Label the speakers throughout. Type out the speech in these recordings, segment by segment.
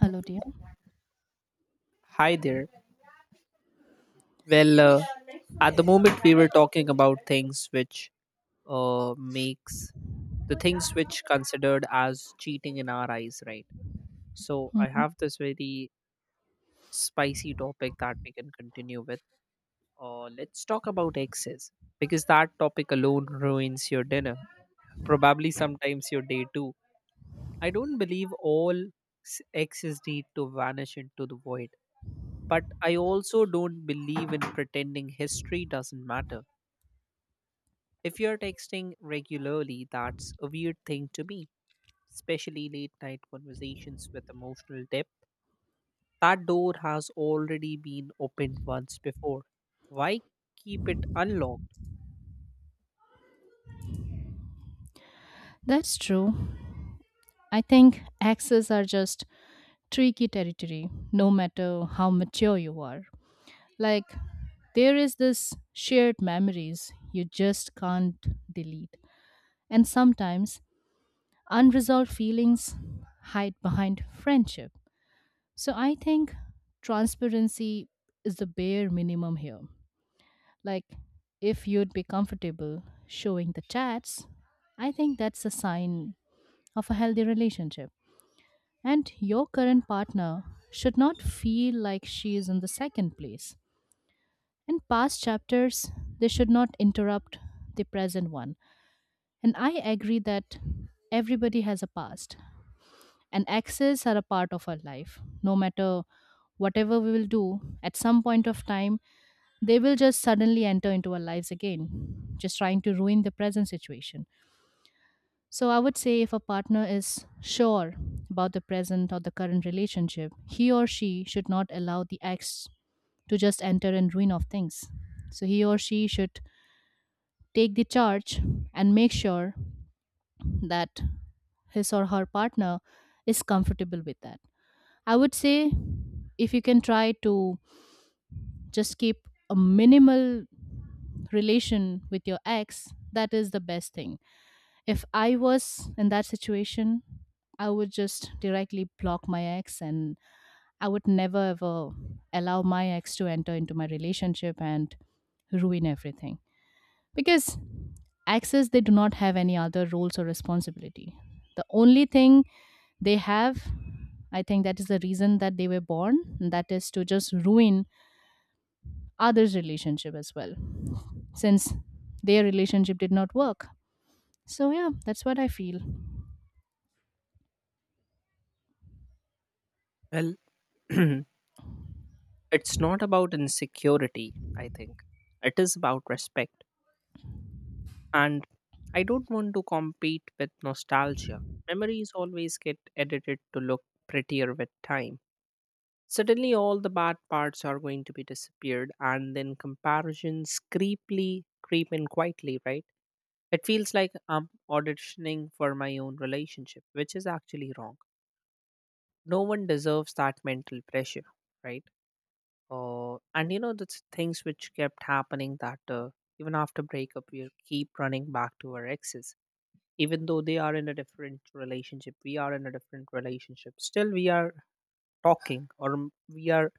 Speaker 1: Hello, dear.
Speaker 2: Hi there. Well, uh, at the moment we were talking about things which makes the things which considered as cheating in our eyes, right? So I
Speaker 1: Mhm.
Speaker 2: have this very spicy topic that we can continue with. Let's talk about exes because that topic alone ruins your dinner, probably sometimes your day too. I don't believe all exes need to vanish into the void, but I also don't believe in pretending history doesn't matter. If you're texting regularly, that's a weird thing to be, especially late night conversations with emotional depth. That door has already been opened once before. Why keep it unlocked?
Speaker 1: That's true. I think exes are just tricky territory, no matter how mature you are. Like, there is this shared memories you just can't delete. And sometimes unresolved feelings hide behind friendship. So I think transparency is the bare minimum here. Like, if you'd be comfortable showing the chats, I think that's a sign of a healthy relationship. And your current partner should not feel like she is in the second place. In past chapters, they should not interrupt the present one. And I agree that everybody has a past, and exes are a part of our life. No matter whatever we will do, at some point of time, they will just suddenly enter into our lives again, just trying to ruin the present situation. So I would say if a partner is sure about the present or the current relationship, he or she should not allow the ex to just enter and ruin of things. So he or she should take the charge and make sure that his or her partner is comfortable with that. I would say if you can try to just keep a minimal relation with your ex, that is the best thing if I was in that situation, I would just directly block my ex and I would never ever allow my ex to enter into my relationship and ruin everything. Because exes, they do not have any other roles or responsibility. The only thing they have, I think that is the reason that they were born, and that is to just ruin others' relationship as well, since their relationship did not work. So, yeah, that's what I feel.
Speaker 2: Well, it's not about insecurity, I think. It is about respect. And I don't want to compete with nostalgia. Memories always get edited to look prettier with time. Suddenly, all the bad parts are going to be disappeared, and then comparisons creepily creep in quietly, right? It feels like I'm auditioning for my own relationship, which is actually wrong. No one deserves that mental pressure, right? And you know, the things which kept happening that even after breakup, we keep running back to our exes. Even though they are in a different relationship, we are in a different relationship. Still, we are talking, or we are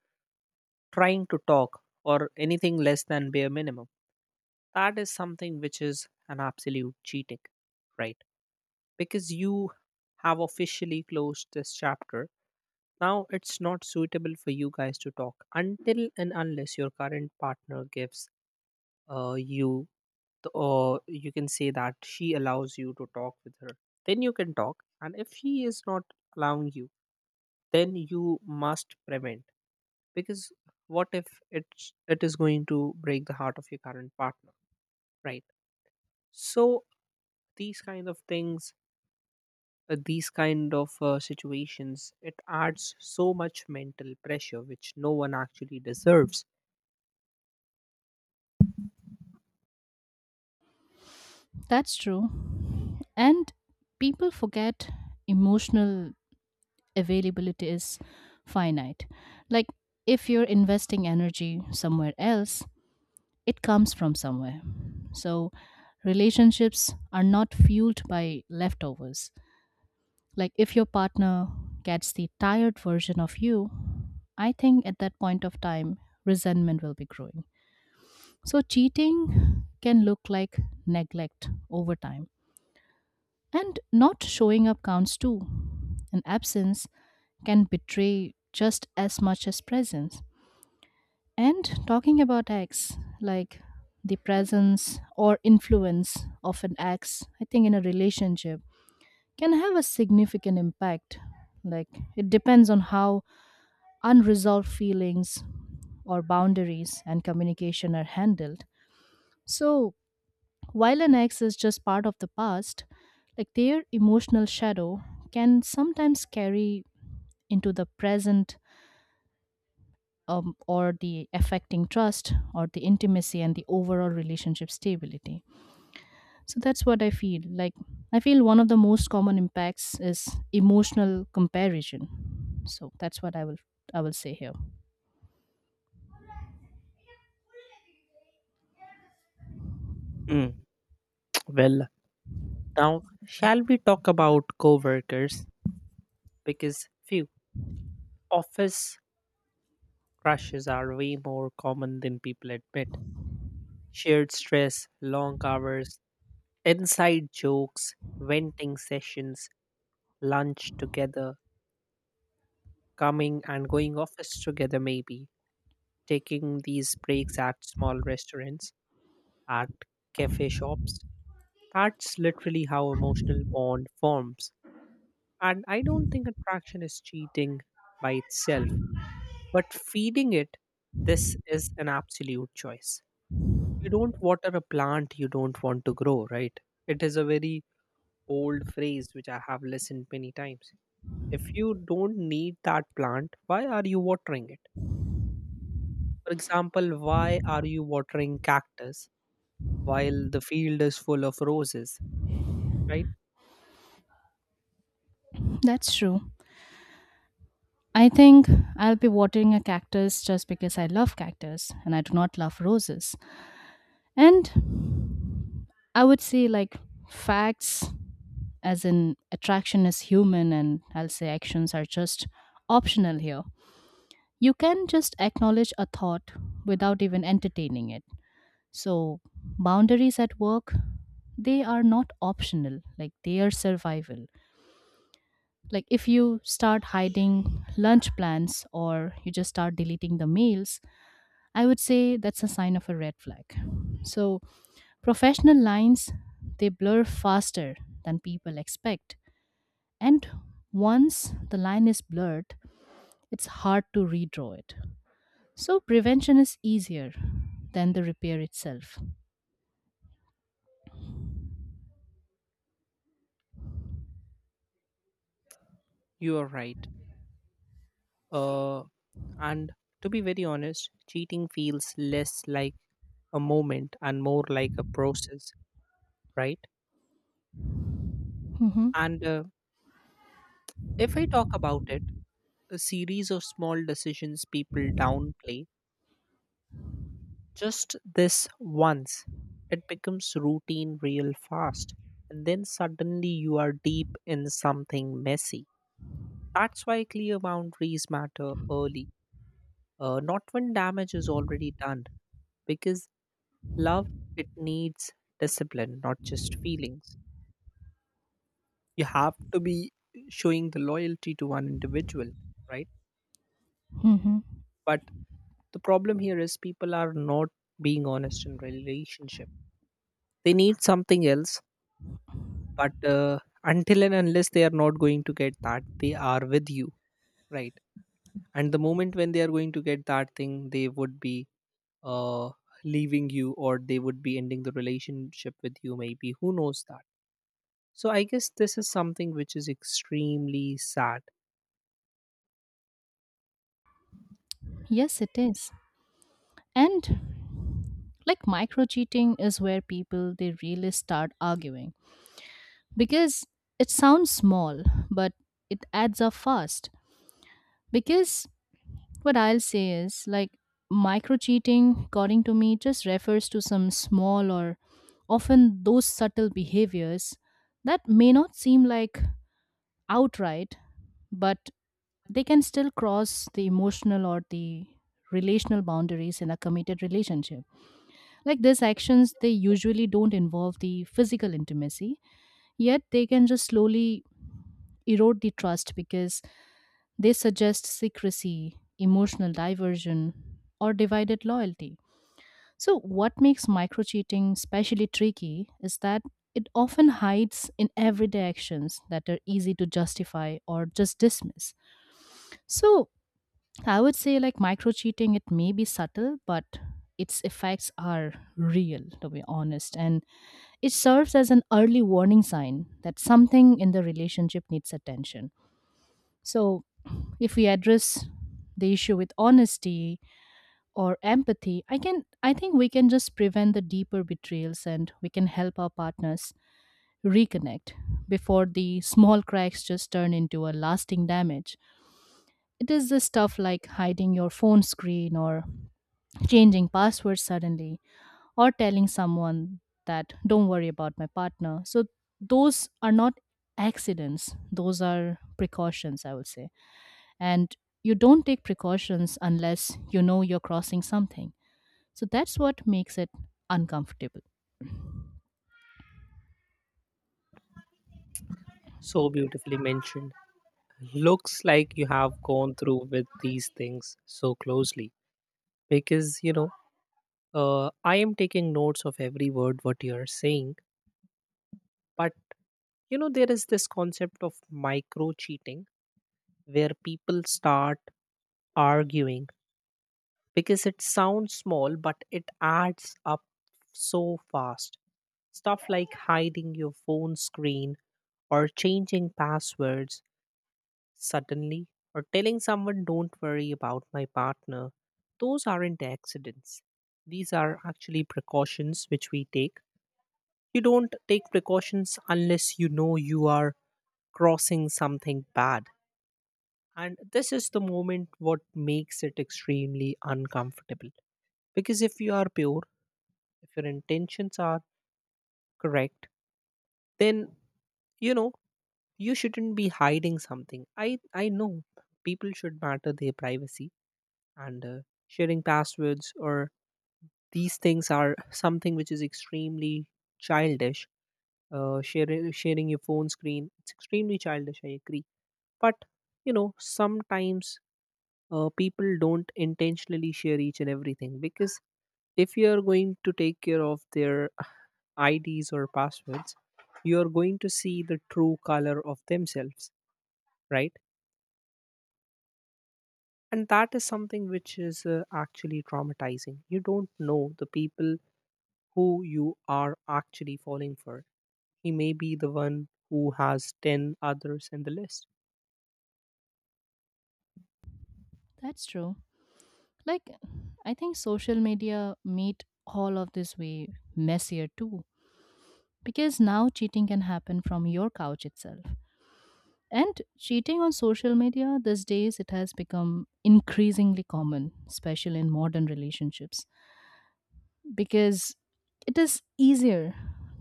Speaker 2: trying to talk or anything less than bare minimum, that is something which is an absolute cheating, right? Because you have officially closed this chapter. Now it's not suitable for you guys to talk until and unless your current partner gives you the, or you can say that she allows you to talk with her, then you can talk. And if she is not allowing you, then you must prevent, because what if it is going to break the heart of your current partner, right? So these kind of things, these kind of situations, it adds so much mental pressure which no one actually deserves.
Speaker 1: That's true. And people forget emotional availability is finite. Like if you're investing energy somewhere else, it comes from somewhere. So relationships are not fueled by leftovers. Like if your partner gets the tired version of you, I think at that point of time, resentment will be growing. So cheating can look like neglect over time. And not showing up counts too. An absence can betray just as much as presence. And talking about acts, like the presence or influence of an ex, I think in a relationship can have a significant impact. Like it depends on how unresolved feelings or boundaries and communication are handled. So, while an ex is just part of the past, like their emotional shadow can sometimes carry into the present or the affecting trust or the intimacy and the overall relationship stability. So that's what I feel. Like, I feel one of the most common impacts is emotional comparison. So that's what I will say here.
Speaker 2: Mm, well, now shall we talk about coworkers, because few office crushes are way more common than people admit. Shared stress, long hours, inside jokes, venting sessions, lunch together, coming and going office together maybe, taking these breaks at small restaurants, at cafe shops. That's literally how emotional bond forms. And I don't think attraction is cheating by itself, but feeding it, this is an absolute choice. You don't water a plant you don't want to grow, right? It is a very old phrase which I have listened many times. If you don't need that plant, why are you watering it? For example, why are you watering cactus while the field is full of roses? Right?
Speaker 1: That's true. I think I'll be watering a cactus just because I love cactus and I do not love roses. And I would say like facts as in attraction is human and I'll say actions are just optional here. You can just acknowledge a thought without even entertaining it. So boundaries at work, they are not optional, like they are survival, like if you start hiding lunch plans or you just start deleting the meals, I would say that's a sign of a red flag. So, professional lines they blur faster than people expect, and once the line is blurred, it's hard to redraw it. So, prevention is easier than the repair itself.
Speaker 2: You are right. Uh, and to be very honest, cheating feels less like a moment and more like a process, right?
Speaker 1: Mhm.
Speaker 2: And if I talk about it, a series of small decisions people downplay, just this once, it becomes routine real fast. And then suddenly you are deep in something messy. That's why clear boundaries matter early, not when damage is already done, because love, it needs discipline, not just feelings. You have to be showing the loyalty to one individual, right?
Speaker 1: Mhm.
Speaker 2: But the problem here is people are not being honest in relationship. They need something else, but until and unless they are not going to get that, they are with you, right? And the moment when they are going to get that thing, they would be uh, leaving you, or they would be ending the relationship with you, maybe, who knows that. So I guess this is something which is extremely sad.
Speaker 1: Yes, it is. And like micro cheating is where people they really start arguing because it sounds small, but it adds up fast. Because what I'll say is like micro cheating, according to me, just refers to some small or often those subtle behaviors that may not seem like outright, but they can still cross the emotional or the relational boundaries in a committed relationship. Like these actions, they usually don't involve the physical intimacy, yet they can just slowly erode the trust because they suggest secrecy, emotional diversion, or divided loyalty. So, what makes micro cheating especially tricky is that it often hides in everyday actions that are easy to justify or just dismiss. So, I would say like micro cheating, it may be subtle, but its effects are real, to be honest. And it serves as an early warning sign that something in the relationship needs attention. So, if we address the issue with honesty or empathy, I think we can just prevent the deeper betrayals and we can help our partners reconnect before the small cracks just turn into a lasting damage. It is the stuff like hiding your phone screen or changing passwords suddenly or telling someone that don't worry about my partner. So those are not accidents, those are precautions, I would say, and you don't take precautions unless you know you're crossing something. So that's what makes it uncomfortable.
Speaker 2: So beautifully mentioned. Looks like you have gone through with these things so closely, because you know, I am taking notes of every word what you are saying. But you know, there is this concept of micro cheating where people start arguing because it sounds small, but it adds up so fast. Stuff like hiding your phone screen or changing passwords suddenly, or telling someone don't worry about my partner. Those aren't accidents. These are actually precautions which we take. You don't take precautions unless you know you are crossing something bad. And this is the moment what makes it extremely uncomfortable. Because if you are pure, if your intentions are correct, then you know, you shouldn't be hiding something. I know people should matter their privacy. And sharing passwords or these things are something which is extremely childish. Uh, sharing your phone screen, it's extremely childish, I agree. But you know, sometimes, people don't intentionally share each and everything, because if you are going to take care of their IDs or passwords, you are going to see the true color of themselves, right? And that is something which is actually traumatizing. You don't know the people who you are actually falling for. He may be the one who has 10 others in the list.
Speaker 1: That's true. Like, I think social media made all of this way messier too, because now cheating can happen from your couch itself. And cheating on social media these days, it has become increasingly common, especially in modern relationships. Because it is easier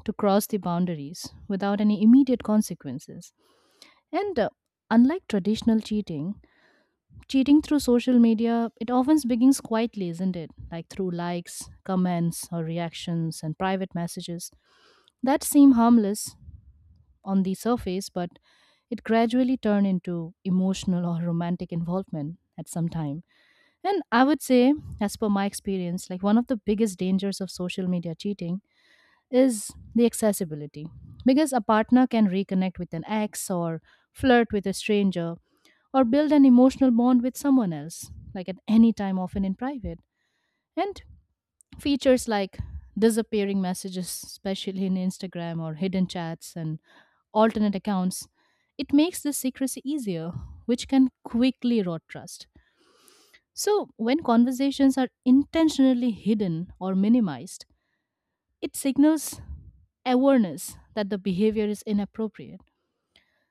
Speaker 1: to cross the boundaries without any immediate consequences. And unlike traditional cheating, cheating through social media, it often begins quietly, isn't it? Like through likes, comments, or reactions and private messages that seem harmless on the surface, but it gradually turn into emotional or romantic involvement at some time. And I would say, as per my experience, like one of the biggest dangers of social media cheating is the accessibility. Because a partner can reconnect with an ex or flirt with a stranger or build an emotional bond with someone else, like at any time, often in private. And features like disappearing messages, especially in Instagram or hidden chats and alternate accounts, it makes this secrecy easier, which can quickly erode trust. So, when conversations are intentionally hidden or minimized, it signals awareness that the behavior is inappropriate.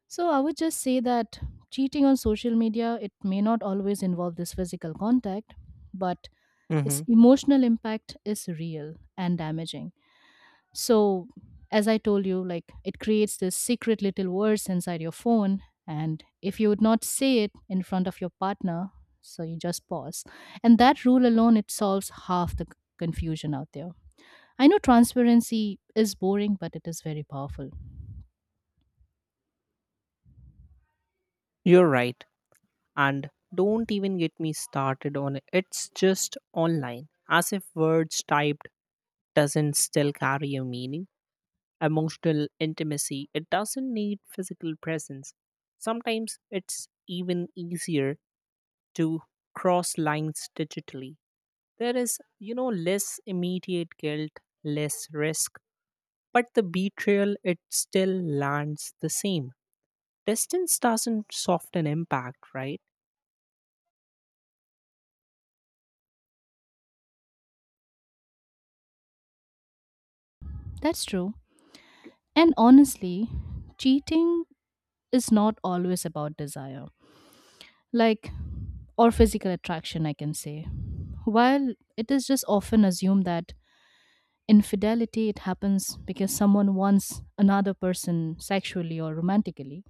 Speaker 1: So I would just say that cheating on social media it may not always involve this physical contact, but
Speaker 2: Hmm.
Speaker 1: its emotional impact is real and damaging. So as I told you, like it creates this secret little words inside your phone, and if you would not say it in front of your partner, so you just pause, and that rule alone it solves half the confusion out there. I know transparency is boring, but it is very powerful.
Speaker 2: You're right. And don't even get me started on it. It's just online, as if words typed doesn't still carry a meaning. Emotional intimacy, it doesn't need physical presence. Sometimes it's even easier to cross lines digitally. There is, you know, less immediate guilt, less risk, but the betrayal, it still lands the same. Distance doesn't soften impact, right?
Speaker 1: That's true. And honestly, cheating is not always about desire, like, or physical attraction, I can say. While it is just often assumed that infidelity it happens because someone wants another person sexually or romantically,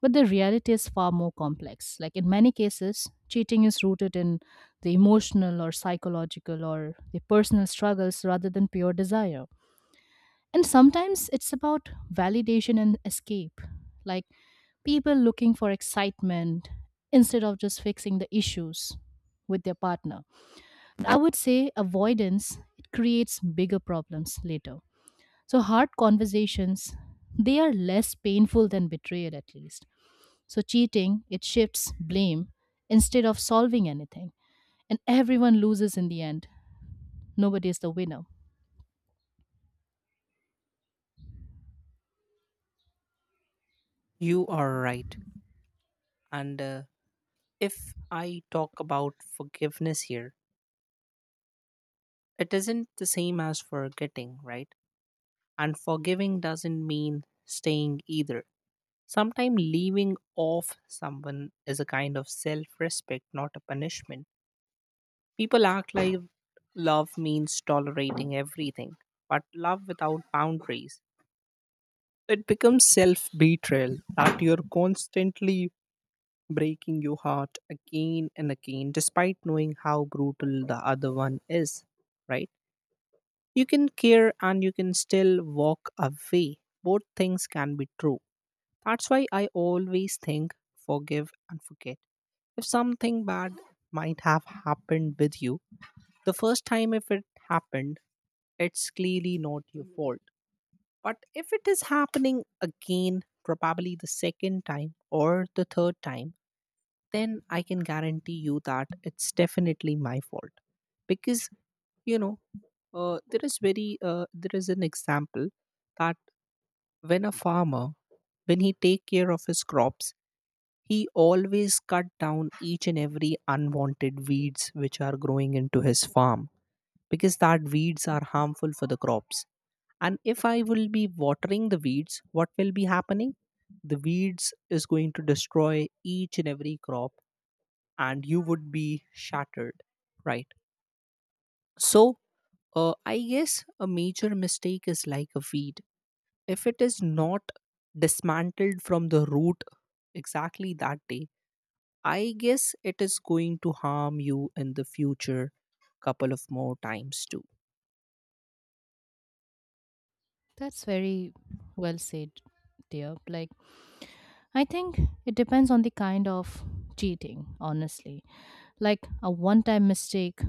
Speaker 1: but the reality is far more complex, like in many cases cheating is rooted in the emotional or psychological or the personal struggles rather than pure desire. And sometimes it's about validation and escape, like people looking for excitement instead of just fixing the issues with their partner. I would say avoidance it creates bigger problems later. So hard conversations they are less painful than betrayal at least. So cheating it shifts blame instead of solving anything and everyone loses in the end. Nobody is the winner.
Speaker 2: You are right. And if I talk about forgiveness here, it isn't the same as forgetting, right? And forgiving doesn't mean staying either. Sometimes leaving off someone is a kind of self respect, not a punishment. People act like love means tolerating everything, but love without boundaries, it becomes self betrayal, that you're constantly breaking your heart again and again, despite knowing how brutal the other one is, right? You can care and you can still walk away. Both things can be true. That's why I always think forgive and forget. If something bad might have happened with you, the first time if it happened, it's clearly not your fault. But if it is happening again, probably the second time or the third time, then I can guarantee you that it's definitely my fault. Because, you know, there is an example that when a farmer, when he take care of his crops, he always cut down each and every unwanted weeds which are growing into his farm, because that weeds are harmful for the crops. And if I will be watering the weeds, what will be happening? The weeds is going to destroy each and every crop and you would be shattered, right? So, I guess a major mistake is like a weed. If it is not dismantled from the root exactly that day, I guess it is going to harm you in the future couple of more times too.
Speaker 1: That's very well said, dear. Like I think it depends on the kind of cheating, honestly. Like a one time mistake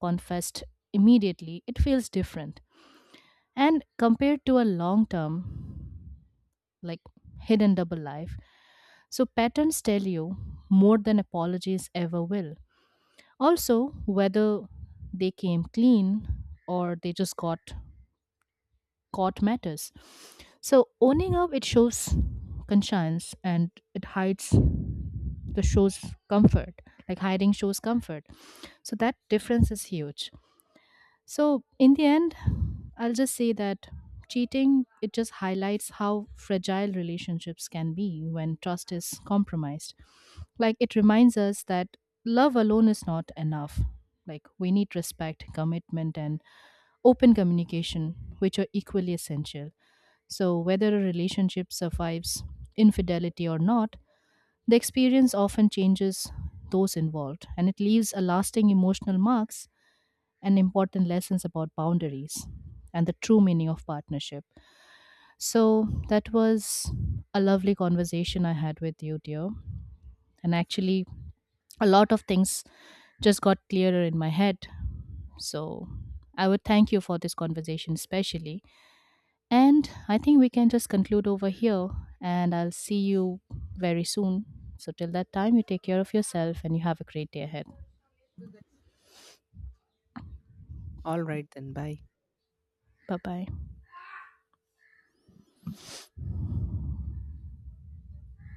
Speaker 1: confessed immediately, it feels different. And compared to a long term, like hidden double life, so patterns tell you more than apologies ever will. Also, whether they came clean or they just got caught matters. So owning up it shows conscience and it hides the shows comfort. Like hiding shows comfort. So that difference is huge. So in the end, I'll just say that cheating it just highlights how fragile relationships can be when trust is compromised. Like it reminds us that love alone is not enough. Like we need respect, commitment and open communication which are equally essential. So, whether a relationship survives infidelity or not, the experience often changes those involved and it leaves a lasting emotional marks and important lessons about boundaries and the true meaning of partnership. So, that was a lovely conversation I had with you, dear. And actually, a lot of things just got clearer in my head. So, I would thank you for this conversation, especially. And I think we can just conclude over here. And I'll see you very soon. So, till that time, you take care of yourself and you have a great day ahead.
Speaker 2: All right then, bye.
Speaker 1: Bye bye.